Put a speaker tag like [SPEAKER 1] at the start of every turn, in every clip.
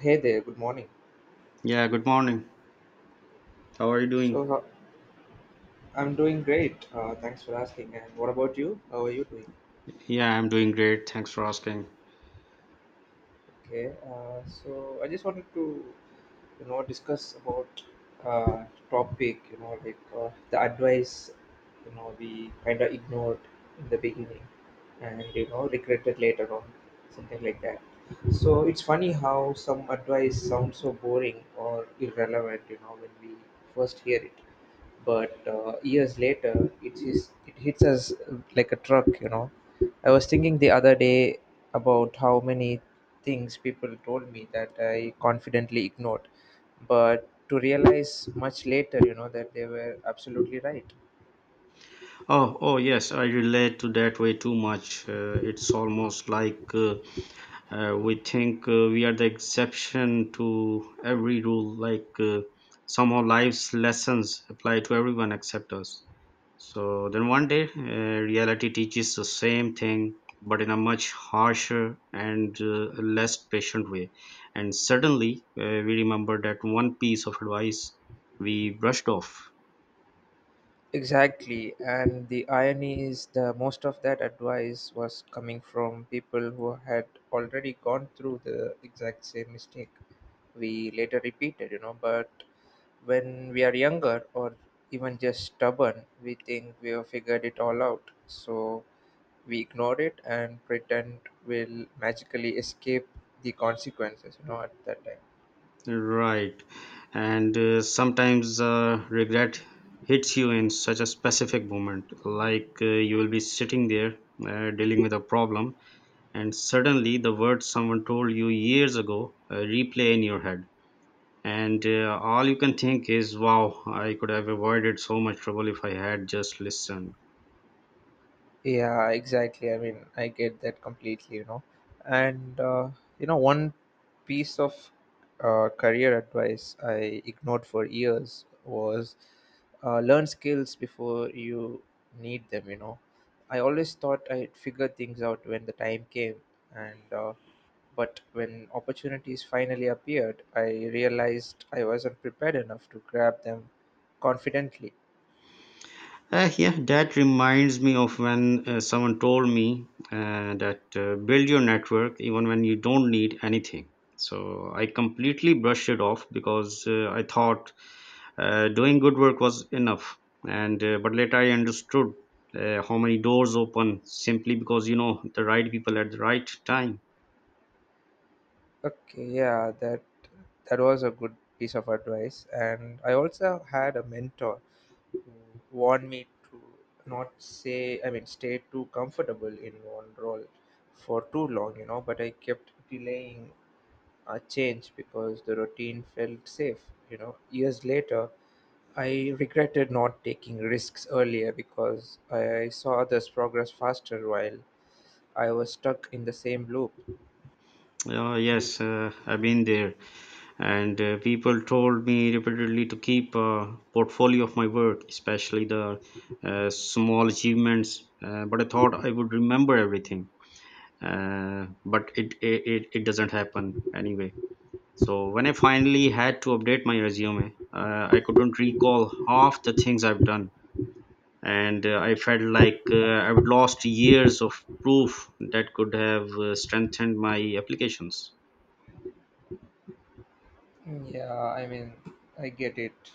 [SPEAKER 1] Hey there, good morning.
[SPEAKER 2] Yeah, good morning. How are you doing?
[SPEAKER 1] So, uh, I'm doing great. Thanks for asking. And what about you? How are you doing?
[SPEAKER 2] Yeah, I'm doing great. Thanks for asking.
[SPEAKER 1] Okay. So, I just wanted to discuss about uh, topic. Like, the advice, we kind of ignored in the beginning, and regretted later on, something like that. So it's funny how some advice sounds so boring or irrelevant, when we first hear it, but years later, it hits us like a truck. I was thinking the other day about how many things people told me that I confidently ignored, but to realize much later that they were absolutely right.
[SPEAKER 2] Oh, oh yes, I relate to that way too much. It's almost like we think we are the exception to every rule like somehow life's lessons apply to everyone except us, so then one day, reality teaches the same thing, but in a much harsher and less patient way, and suddenly we remember that one piece of advice we brushed off.
[SPEAKER 1] Exactly, and the irony is the most of that advice was coming from people who had already gone through the exact same mistake we later repeated, but when we are younger or even just stubborn, we think we have figured it all out. So we ignore it and pretend we'll magically escape the consequences, at that time.
[SPEAKER 2] Right. And sometimes regret hits you in such a specific moment. Like you will be sitting there, dealing with a problem, and suddenly the words someone told you years ago replay in your head. And all you can think is, wow, I could have avoided so much trouble if I had just listened.
[SPEAKER 1] Yeah, exactly. I mean, I get that completely. And, one piece of career advice I ignored for years was learn skills before you need them. I always thought I'd figure things out when the time came, and but when opportunities finally appeared, I realized I wasn't prepared enough to grab them confidently.
[SPEAKER 2] Yeah, that reminds me of when someone told me that, build your network even when you don't need anything. So I completely brushed it off because I thought doing good work was enough. And but later I understood how many doors open simply because you know the right people at the right time.
[SPEAKER 1] Okay, yeah, that was a good piece of advice, and I also had a mentor want me to not say, I mean, stay too comfortable in one role for too long, but I kept delaying a change because the routine felt safe. Years later, I regretted not taking risks earlier because I saw others progress faster while I was stuck in the same loop.
[SPEAKER 2] Yes, I've been there, and people told me repeatedly to keep a portfolio of my work, especially the small achievements. But I thought I would remember everything, but it doesn't happen anyway. So when I finally had to update my resume, I couldn't recall half the things I've done, and I felt like I would lost years of proof that could have strengthened my applications.
[SPEAKER 1] Yeah, I mean, I get it.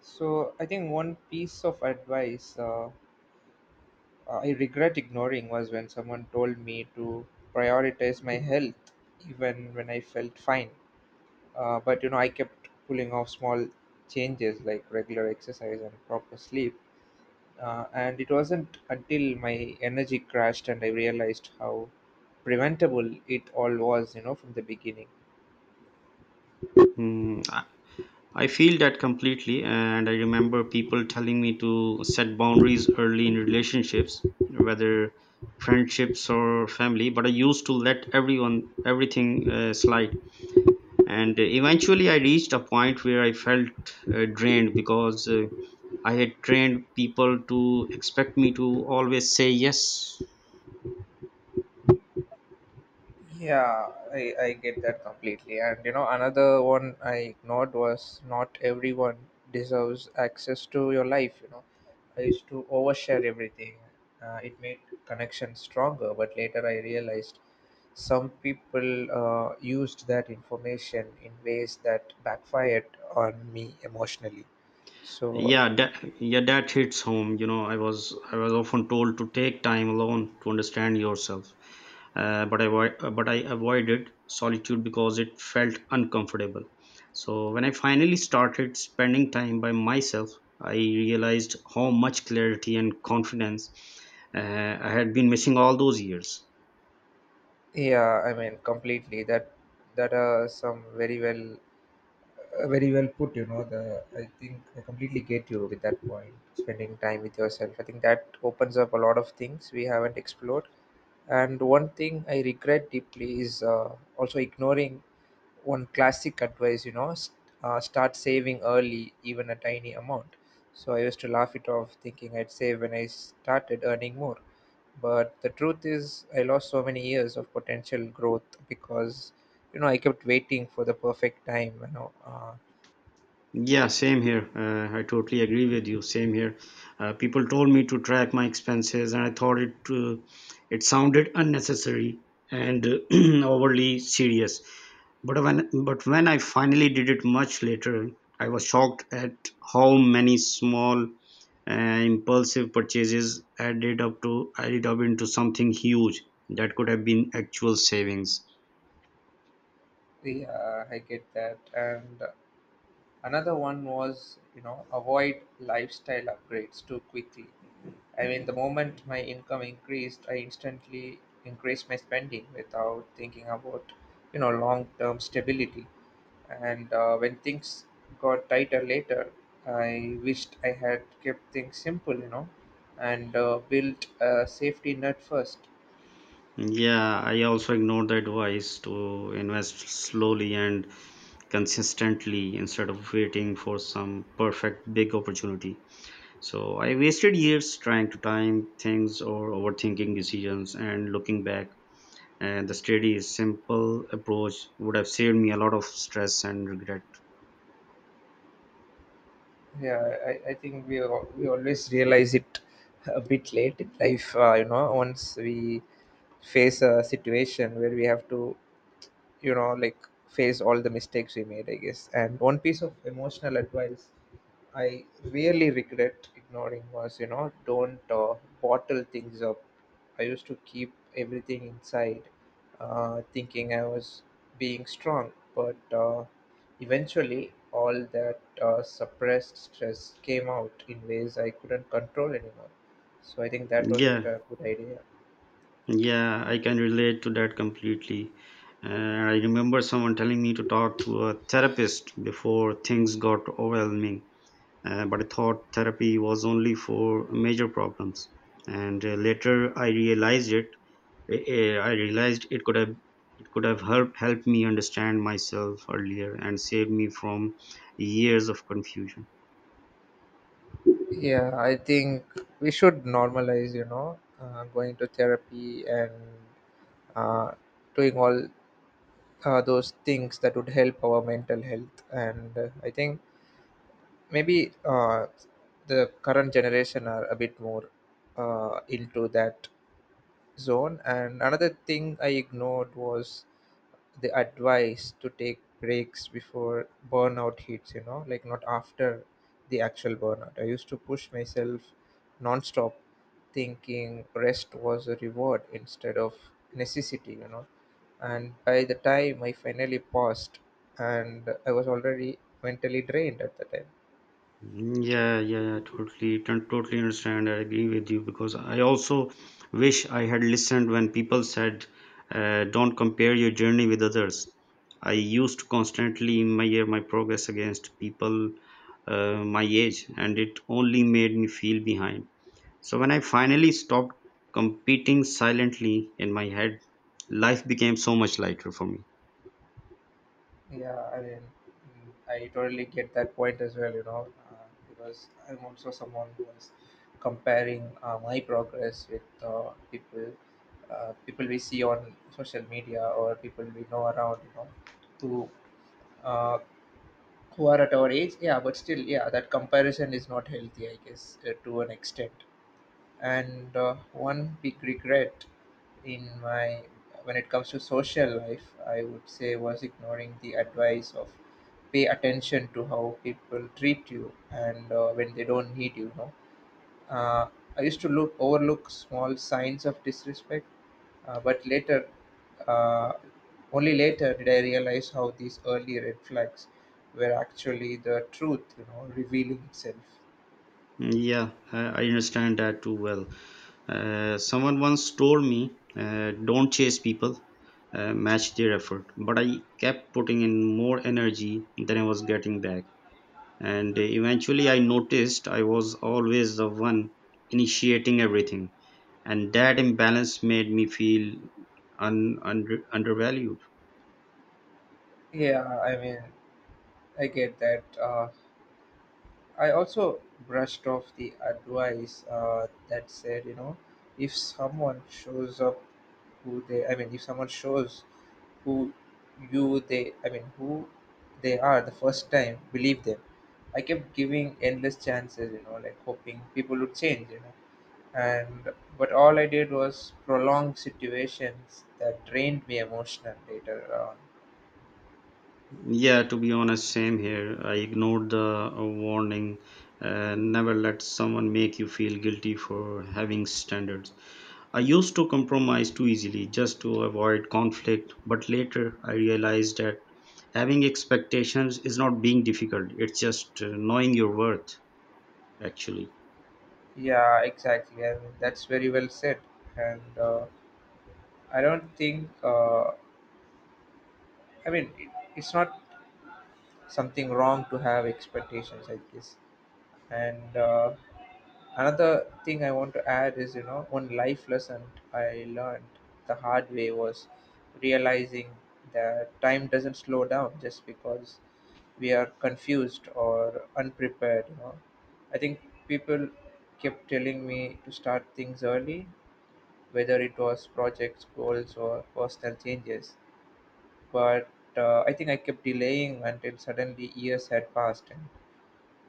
[SPEAKER 1] So I think one piece of advice, I regret ignoring was when someone told me to prioritize my health even when I felt fine. But I kept pulling off small changes like regular exercise and proper sleep. And it wasn't until my energy crashed and I realized how preventable it all was, from the beginning.
[SPEAKER 2] Hmm. I feel that completely, and I remember people telling me to set boundaries early in relationships, whether friendships or family, but I used to let everyone, everything slide. And eventually, I reached a point where I felt drained because I had trained people to expect me to always say yes.
[SPEAKER 1] Yeah, I get that completely. And another one I ignored was, not everyone deserves access to your life. I used to overshare everything. It made connections stronger, but later I realized some people used that information in ways that backfired on me emotionally. So
[SPEAKER 2] Yeah, yeah, that hits home. You know, I was often told to take time alone to understand yourself, but I avoided solitude because it felt uncomfortable. So when I finally started spending time by myself, I realized how much clarity and confidence uh, I had been missing all those years.
[SPEAKER 1] yeah, I mean, completely, that are some very well, very well put you know the I think I completely get you with that point. Spending time with yourself, I think that opens up a lot of things we haven't explored. And one thing I regret deeply is also ignoring one classic advice. Start saving early, even a tiny amount. So I used to laugh it off, thinking I'd save when I started earning more, but the truth is I lost so many years of potential growth because I kept waiting for the perfect time.
[SPEAKER 2] Yeah, same here. I totally agree with you. Same here. People told me to track my expenses, and I thought it it sounded unnecessary and overly serious. But when I finally did it much later, I was shocked at how many small impulsive purchases added up into something huge that could have been actual savings.
[SPEAKER 1] Yeah, I get that. And another one was, avoid lifestyle upgrades too quickly. I mean, the moment my income increased, I instantly increased my spending without thinking about, long-term stability. And When things got tighter later, I wished I had kept things simple, and built a safety net first.
[SPEAKER 2] Yeah, I also ignored the advice to invest slowly and consistently instead of waiting for some perfect big opportunity. So I wasted years trying to time things or overthinking decisions, and looking back, and the steady simple approach would have saved me a lot of stress and regret.
[SPEAKER 1] Yeah, I think we always realize it a bit late in life, once we face a situation where we have to like face all the mistakes we made, I guess. And one piece of emotional advice I really regret ignoring was, don't bottle things up. I used to keep everything inside, thinking I was being strong. But Eventually, all that suppressed stress came out in ways I couldn't control anymore. So I think that wasn't
[SPEAKER 2] Yeah,
[SPEAKER 1] a good idea.
[SPEAKER 2] yeah, I can relate to that completely. And I remember someone telling me to talk to a therapist before things got overwhelming. But I thought therapy was only for major problems. And later, I realized it could have helped me understand myself earlier and saved me from years of confusion.
[SPEAKER 1] Yeah, I think we should normalize, going to therapy and uh, doing all those things that would help our mental health. And I think maybe the current generation are a bit more into that zone. And another thing I ignored was the advice to take breaks before burnout hits, like not after the actual burnout. I used to push myself non-stop, thinking rest was a reward instead of necessity. And by the time I finally paused, and I was already mentally drained at the time.
[SPEAKER 2] Yeah, yeah, yeah, totally, totally understand. I agree with you because I also wish I had listened when people said, "Don't compare your journey with others." I used to constantly measure my progress against people my age, and it only made me feel behind. So when I finally stopped competing silently in my head, life became so much lighter for me.
[SPEAKER 1] Yeah, I mean, I totally get that point as well, because I'm also someone who is comparing my progress with people, people we see on social media or people we know around, to uh, who are at our age. Yeah, but still, yeah, that comparison is not healthy, I guess, to an extent. And one big regret in my, when it comes to social life, I would say was ignoring the advice of, pay attention to how people treat you and when they don't need you, no? uh, I used to look overlook small signs of disrespect, but later, uh, only later did I realize how these early red flags were actually the truth, revealing itself.
[SPEAKER 2] Yeah, I understand that too well. Someone once told me, don't chase people, match their effort. But I kept putting in more energy than I was getting back. And eventually I noticed I was always the one initiating everything. And that imbalance made me feel undervalued.
[SPEAKER 1] Yeah, I mean, I get that. I also brushed off the advice that said, if someone shows up who they, I mean, if someone shows who you they, I mean, who they are the first time, believe them. I kept giving endless chances, like hoping people would change. And but all I did was prolong situations that drained me emotional later on.
[SPEAKER 2] Yeah, to be honest, same here. I ignored the warning. Never let someone make you feel guilty for having standards. I used to compromise too easily just to avoid conflict, but later I realized that having expectations is not being difficult, it's just knowing your worth, actually.
[SPEAKER 1] Yeah, exactly. I mean, that's very well said. And I don't think, I mean, it's not something wrong to have expectations, I guess. And another thing I want to add is, one life lesson I learned the hard way was realizing that time doesn't slow down just because we are confused or unprepared. You know, I think people kept telling me to start things early, whether it was projects, goals, or personal changes, but I think I kept delaying until suddenly years had passed. And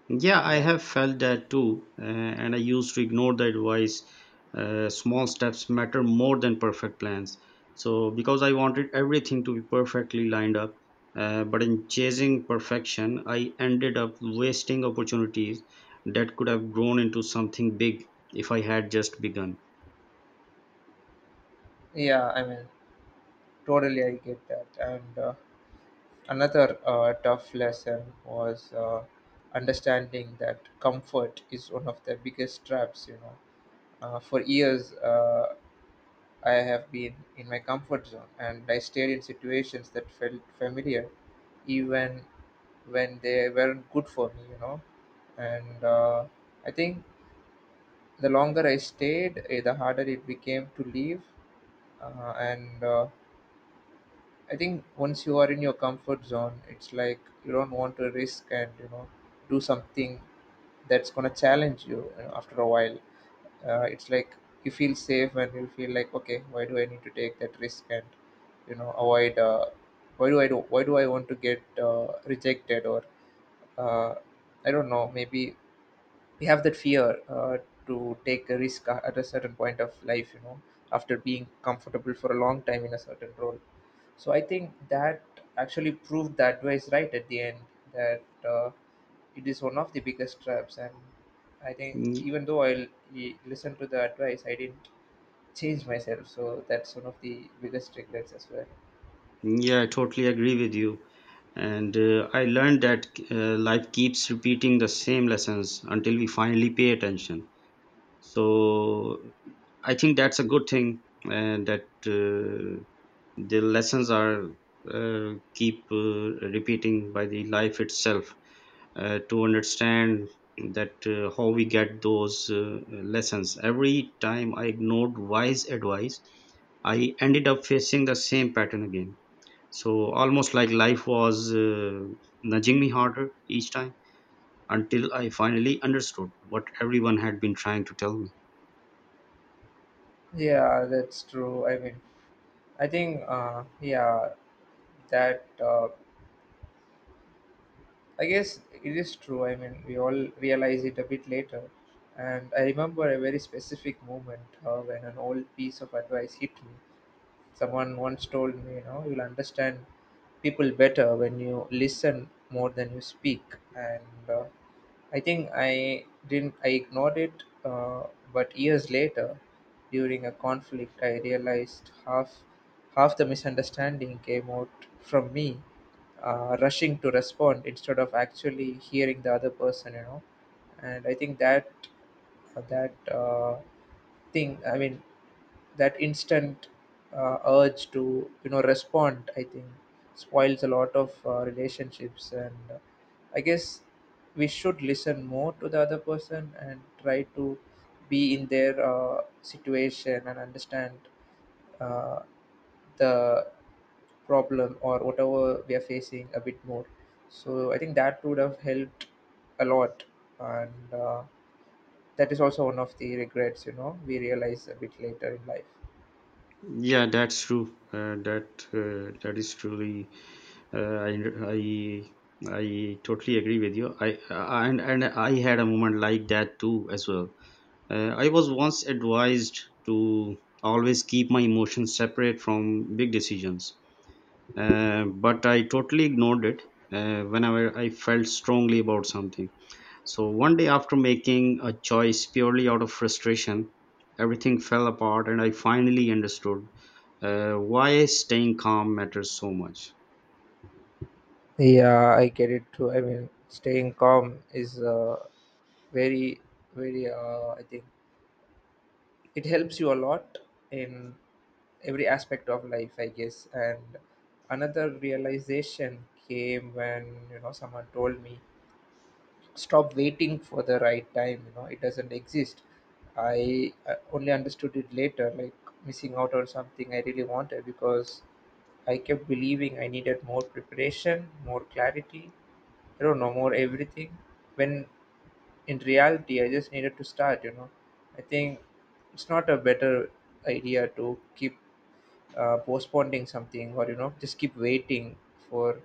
[SPEAKER 2] Yeah, I
[SPEAKER 1] yeah,
[SPEAKER 2] have felt that too, and I used to ignore the advice. Small steps matter more than perfect plans. So, because I wanted everything to be perfectly lined up, but in chasing perfection, I ended up wasting opportunities that could have grown into something big if I had just begun.
[SPEAKER 1] yeah, I mean, totally, I get that. And another tough lesson was understanding that comfort is one of the biggest traps. For years, I have been in my comfort zone and I stayed in situations that felt familiar, even when they weren't good for me. And I think the longer I stayed, the harder it became to leave. And I think once you are in your comfort zone, it's like you don't want to risk and do something that's gonna challenge you. After a while, it's like you feel safe and you feel like, okay, why do I need to take that risk and avoid? Why do I do? Why do I want to get rejected or uh, I don't know? Maybe we have that fear to take a risk at a certain point of life, after being comfortable for a long time in a certain role. So I think that actually proved the advice right at the end, that it is one of the biggest traps. And I think
[SPEAKER 2] Y-
[SPEAKER 1] even though I listened to the advice, I didn't change myself, so that's one of the biggest regrets as well.
[SPEAKER 2] Yeah, I totally agree with you. And I learned that life keeps repeating the same lessons until we finally pay attention. So I think that's a good thing, and that the lessons are keep repeating by the life itself, to understand that how we get those lessons. Every time I ignored wise advice, I ended up facing the same pattern again, so almost like life was nudging me harder each time, until I finally understood what everyone had been trying to tell me.
[SPEAKER 1] Yeah, that's true. I mean, I think, yeah, that, I guess it is true. I mean, we all realize it a bit later. And I remember a very specific moment when an old piece of advice hit me. Someone once told me, you'll understand people better when you listen more than you speak. And I think I didn't I ignored it, but years later, during a conflict, I realized half the misunderstanding came out from me rushing to respond instead of actually hearing the other person. And I think that, uh, that uh, thing. I mean, that instant, urge to respond. I think spoils a lot of relationships. And I guess we should listen more to the other person and try to be in their situation and understand uh, the problem or whatever we are facing a bit more. So I think that would have helped a lot, and that is also one of the regrets. You know, we realize a bit later in life.
[SPEAKER 2] Yeah, that's true. That is truly. Uh, I I I totally agree with you. I and I had a moment like that too as well. I was once advised to always keep my emotions separate from big decisions, but I totally ignored it whenever I felt strongly about something. So one day, after making a choice purely out of frustration, everything fell apart and I finally understood why staying calm matters so much.
[SPEAKER 1] Yeah, I get it too. I mean, staying calm is very, very. I think it helps you a lot in every aspect of life, I guess. And another realization came when, you know, someone told me stop waiting for the right time, you know, it doesn't exist. I only understood it later, like missing out on something I really wanted because I kept believing I needed more preparation, more clarity, I don't know, more everything, when in reality I just needed to start, you know. I think it's not a better idea to keep postponing something, or you know, just keep waiting for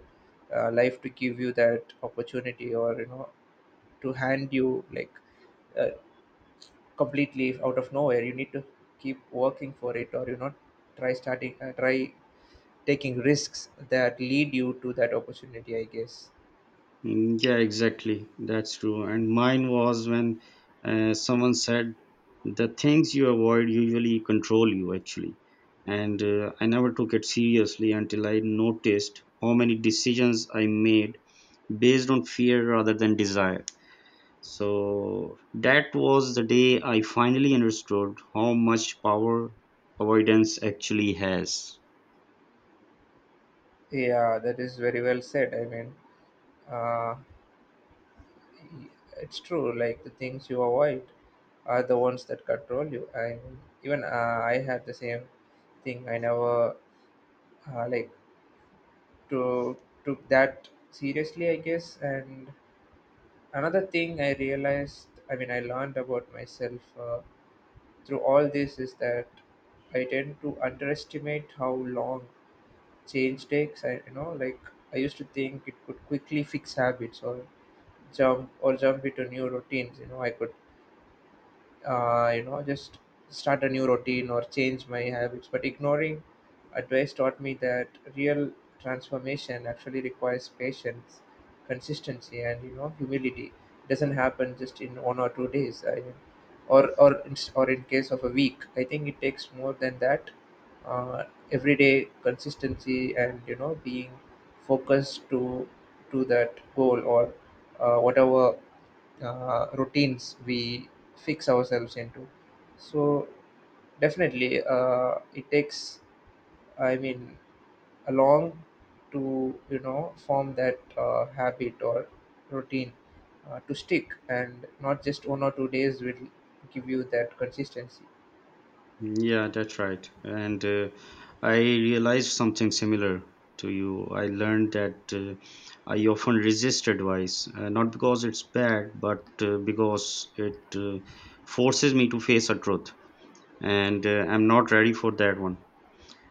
[SPEAKER 1] life to give you that opportunity, or you know, to hand you like uh, completely out of nowhere. You need to keep working for it, or you know, try starting try taking risks that lead you to that opportunity, I guess.
[SPEAKER 2] Yeah, exactly. That's true. And mine was when someone said, the things you avoid usually control you, actually. And I never took it seriously until I noticed how many decisions I made based on fear rather than desire. So that was the day I finally understood how much power avoidance actually has.
[SPEAKER 1] Yeah, that is very well said. I mean, uh, it's true, like the things you avoid are the ones that control you. I mean, even I had the same thing. I never like to took that seriously, I guess. And another thing I realized, I mean I learned about myself through all this, is that I tend to underestimate how long change takes. I, you know, like I used to think it could quickly fix habits or jump into new routines, you know. I could you know, just start a new routine or change my habits. But ignoring advice taught me that real transformation actually requires patience, consistency, and you know, humility. It doesn't happen just in 1 or 2 days, or in case of a week. I think it takes more than that. uh, Everyday consistency and you know, being focused to that goal, or whatever routines we fix ourselves into. So definitely, it takes, I mean, a long to you know form that habit or routine to stick, and not just 1 or 2 days will give you that consistency.
[SPEAKER 2] Yeah, that's right. And I realized something similar to you. I learned that I often resist advice, not because it's bad, but because it forces me to face a truth. And I'm not ready for that one.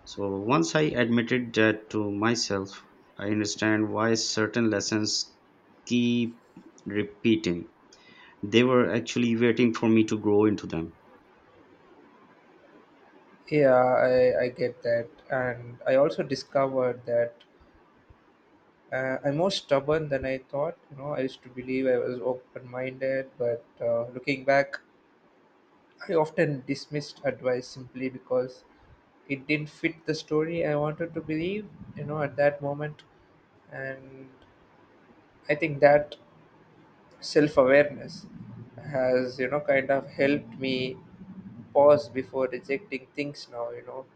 [SPEAKER 2] So once I admitted that to myself, I understand why certain lessons keep repeating. They were actually waiting for me to grow into them.
[SPEAKER 1] Yeah, I get that. And I also discovered that I'm more stubborn than I thought. You know, I used to believe I was open minded, but looking back, I often dismissed advice simply because it didn't fit the story I wanted to believe, you know, at that moment. And I think that self awareness has, you know, kind of helped me pause before rejecting things now, you know.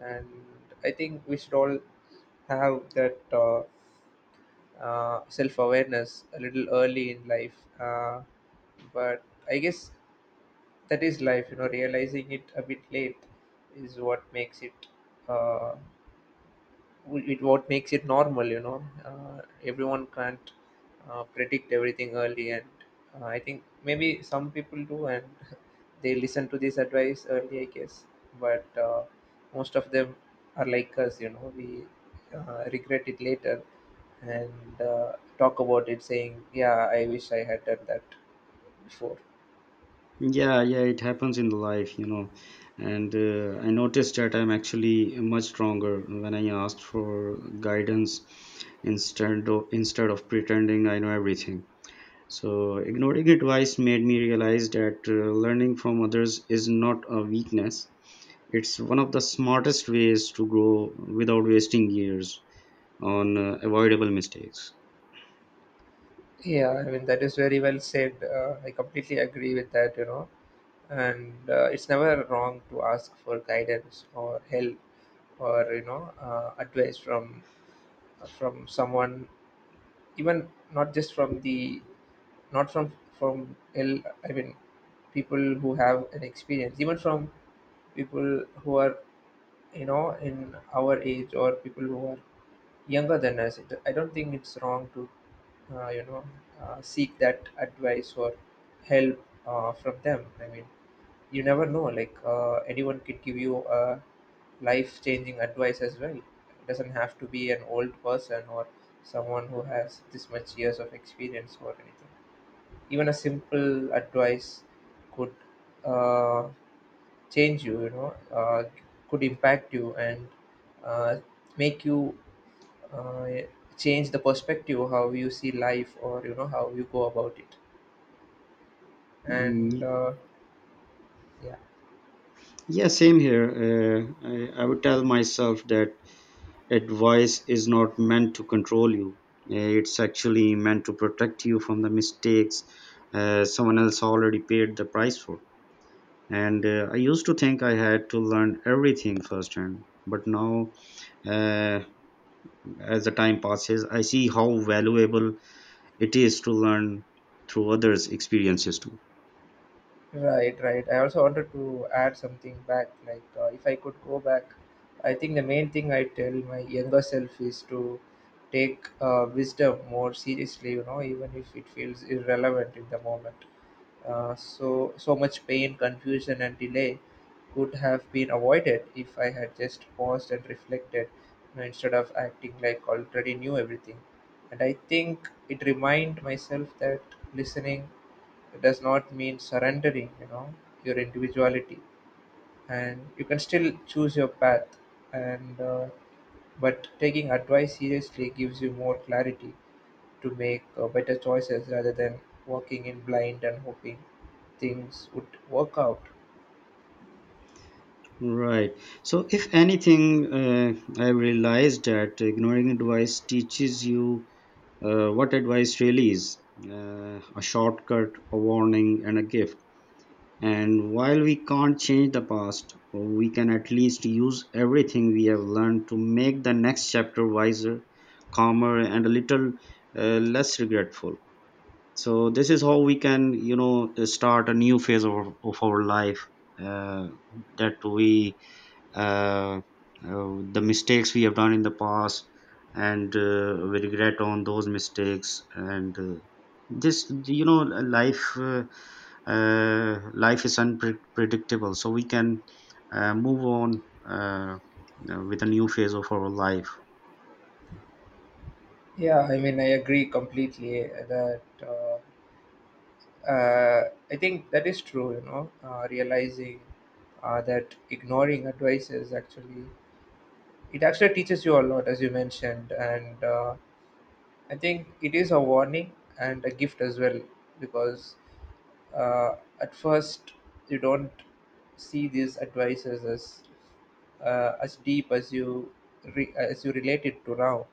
[SPEAKER 1] And I think we should all have that self awareness a little early in life. But I guess that is life, you know, realizing it a bit late is what makes it uh, what makes it normal, you know. Everyone can't predict everything early, and I think maybe some people do, and they listen to this advice early, I guess. But most of them are like us, you know. We regret it later, and talk about it saying, yeah, I wish I had done that before.
[SPEAKER 2] Yeah, yeah, it happens in the life, you know. And I noticed that I'm actually much stronger when I asked for guidance instead of pretending I know everything. So ignoring advice made me realize that learning from others is not a weakness. It's one of the smartest ways to grow without wasting years on avoidable mistakes.
[SPEAKER 1] Yeah, I mean that is very well said. I completely agree with that, you know. And it's never wrong to ask for guidance or help, or you know advice from someone, even not just from the not from L. I mean people who have an experience, even from people who are you know in our age, or people who are younger than us. It, I don't think it's wrong to you know seek that advice or help from them. I mean, you never know, like anyone could give you a life changing advice as well. It doesn't have to be an old person or someone who has this much years of experience or anything. Even a simple advice could uh, change you, you know. Could impact you, and uh, make you uh, change the perspective how you see life, or you know how you go about it. And
[SPEAKER 2] Mm,
[SPEAKER 1] yeah.
[SPEAKER 2] Yeah, same here. Uh, I would tell myself that advice is not meant to control you. It's actually meant to protect you from the mistakes someone else already paid the price for. And I used to think I had to learn everything firsthand, but now, uh, as the time passes, I see how valuable it is to learn through others experiences too.
[SPEAKER 1] Right, right, I also wanted to add something back, like if I could go back, I think the main thing I tell my younger self is to take wisdom more seriously, you know, even if it feels irrelevant in the moment. So much pain, confusion, and delay could have been avoided if I had just paused and reflected, you know, instead of acting like already knew everything. And I think it remind myself that listening does not mean surrendering, you know, your individuality, and you can still choose your path. And but taking advice seriously gives you more clarity to make better choices rather than walking in blind and hoping things would work out.
[SPEAKER 2] Right. So if anything, uh, I realized that ignoring advice teaches you what advice really is, a shortcut, a warning, and a gift. And while we can't change the past, we can at least use everything we have learned to make the next chapter wiser, calmer, and a little less regretful. So this is how we can, you know, start a new phase of our life, uh, that we uh, the mistakes we have done in the past, and we regret on those mistakes, and this, you know, life uh, life is unpredictable, so we can move on, uh, with a new phase of our life.
[SPEAKER 1] Yeah, I mean, I agree completely that uh, I think that is true, you know. Realizing that ignoring advice is actually, it actually teaches you a lot, as you mentioned. And I think it is a warning and a gift as well, because uh, at first you don't see these advices as deep as you as you relate it to now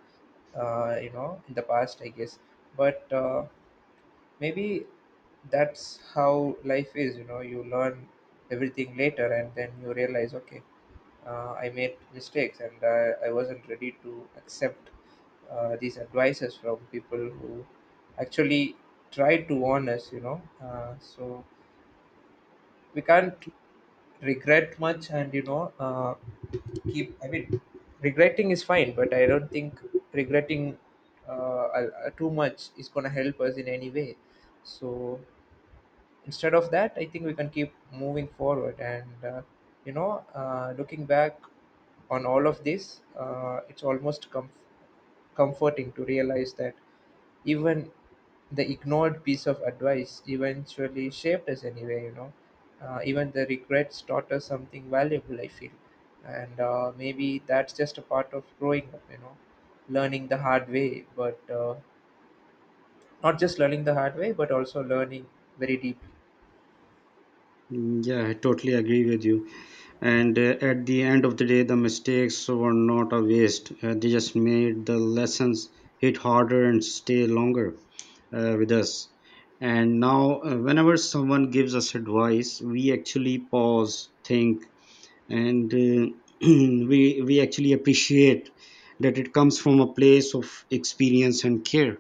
[SPEAKER 1] you know, in the past I guess. But maybe that's how life is, you know. You learn everything later, and then you realize, okay, I made mistakes, and I wasn't ready to accept these advices from people who actually tried to warn us, you know. So we can't regret much, and you know, keep, I mean, regretting is fine, but I don't think regretting too much is going to help us in any way. So instead of that, I think we can keep moving forward, and you know, looking back on all of this, it's almost comforting to realize that even the ignored piece of advice eventually shaped us anyway, you know. Even the regrets taught us something valuable, I feel. And maybe that's just a part of growing up, you know. Learning the hard way, but not just learning the hard way but also learning very deeply.
[SPEAKER 2] Yeah, I totally agree with you. And at the end of the day, the mistakes were not a waste. They just made the lessons hit harder and stay longer with us. And now, whenever someone gives us advice, we actually pause, think, and we we actually appreciate that it comes from a place of experience and care.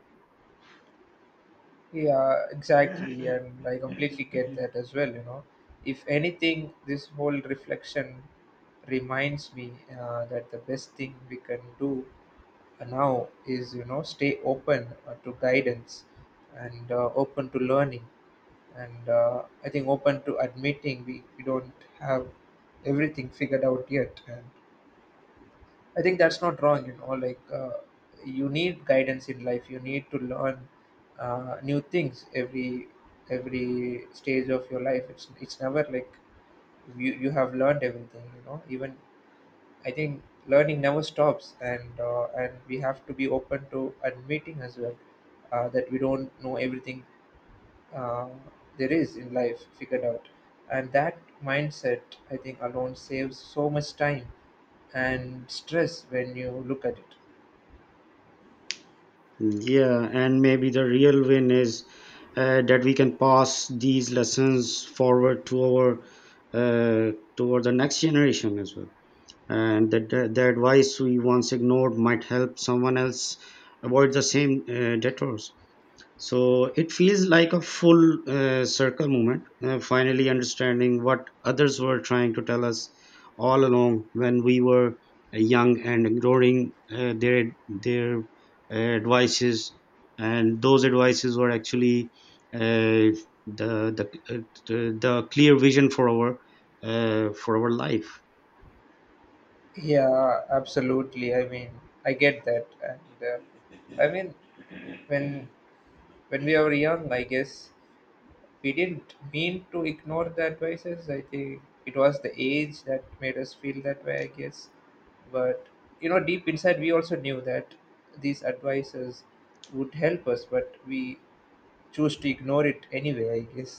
[SPEAKER 1] Yeah, exactly, and I completely get that as well, you know. If anything, this whole reflection reminds me that the best thing we can do now is, you know, stay open to guidance, and open to learning, and I think open to admitting we don't have everything figured out yet. And I think that's not wrong, you know, like you need guidance in life, you need to learn new things every stage of your life. It's never like you have learned everything, you know. Even I think learning never stops, and we have to be open to admitting as well that we don't know everything uh, there is in life figured out, and that mindset I think alone saves so much time and stress when you look at it.
[SPEAKER 2] Yeah, and maybe the real win is that we can pass these lessons forward to our toward the next generation as well. And that the advice we once ignored might help someone else avoid the same detours. So it feels like a full circle moment, finally understanding what others were trying to tell us all along, when we were young and ignoring their advices, and those advices were actually uh, the the uh, the clear vision for our life.
[SPEAKER 1] Yeah, absolutely. I mean, I get that, and I mean when when we are young, I guess we didn't mean to ignore the advices. I think it was the age that made us feel that way, I guess. But you know, deep inside, we also knew that these advices would help us, but we choose to ignore it anyway, I guess.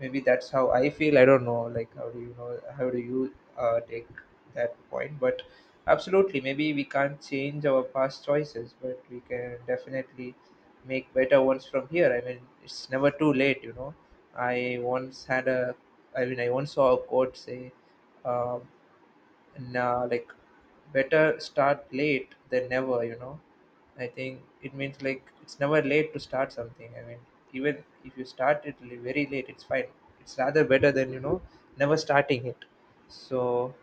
[SPEAKER 1] Maybe that's how I feel, I don't know, like how do you take that point. But absolutely, maybe we can't change our past choices, but we can definitely make better ones from here. I mean, it's never too late, you know. i once had a I once saw a quote say, um, nah, like, better start late than never, you know. I think it means like it's never late to start something. I mean, even if you start it very late, it's fine. It's rather better than, you know, never starting it. So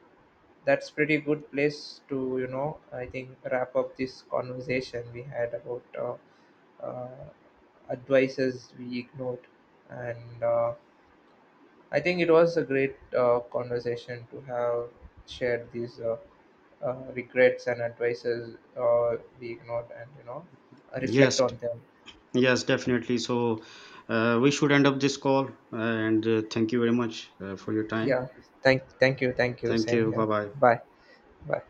[SPEAKER 1] that's pretty good place to, you know, I think wrap up this conversation we had about uh, advices we ignored, and I think it was a great conversation to have shared these. Regrets and advices we ignored, and you know, reflect
[SPEAKER 2] Yes,
[SPEAKER 1] on them.
[SPEAKER 2] yes, definitely. So we should end up this call, and thank you very much for your time.
[SPEAKER 1] Yeah, thank you,
[SPEAKER 2] Thank
[SPEAKER 1] same
[SPEAKER 2] you. Bye
[SPEAKER 1] here.
[SPEAKER 2] bye.
[SPEAKER 1] Bye bye.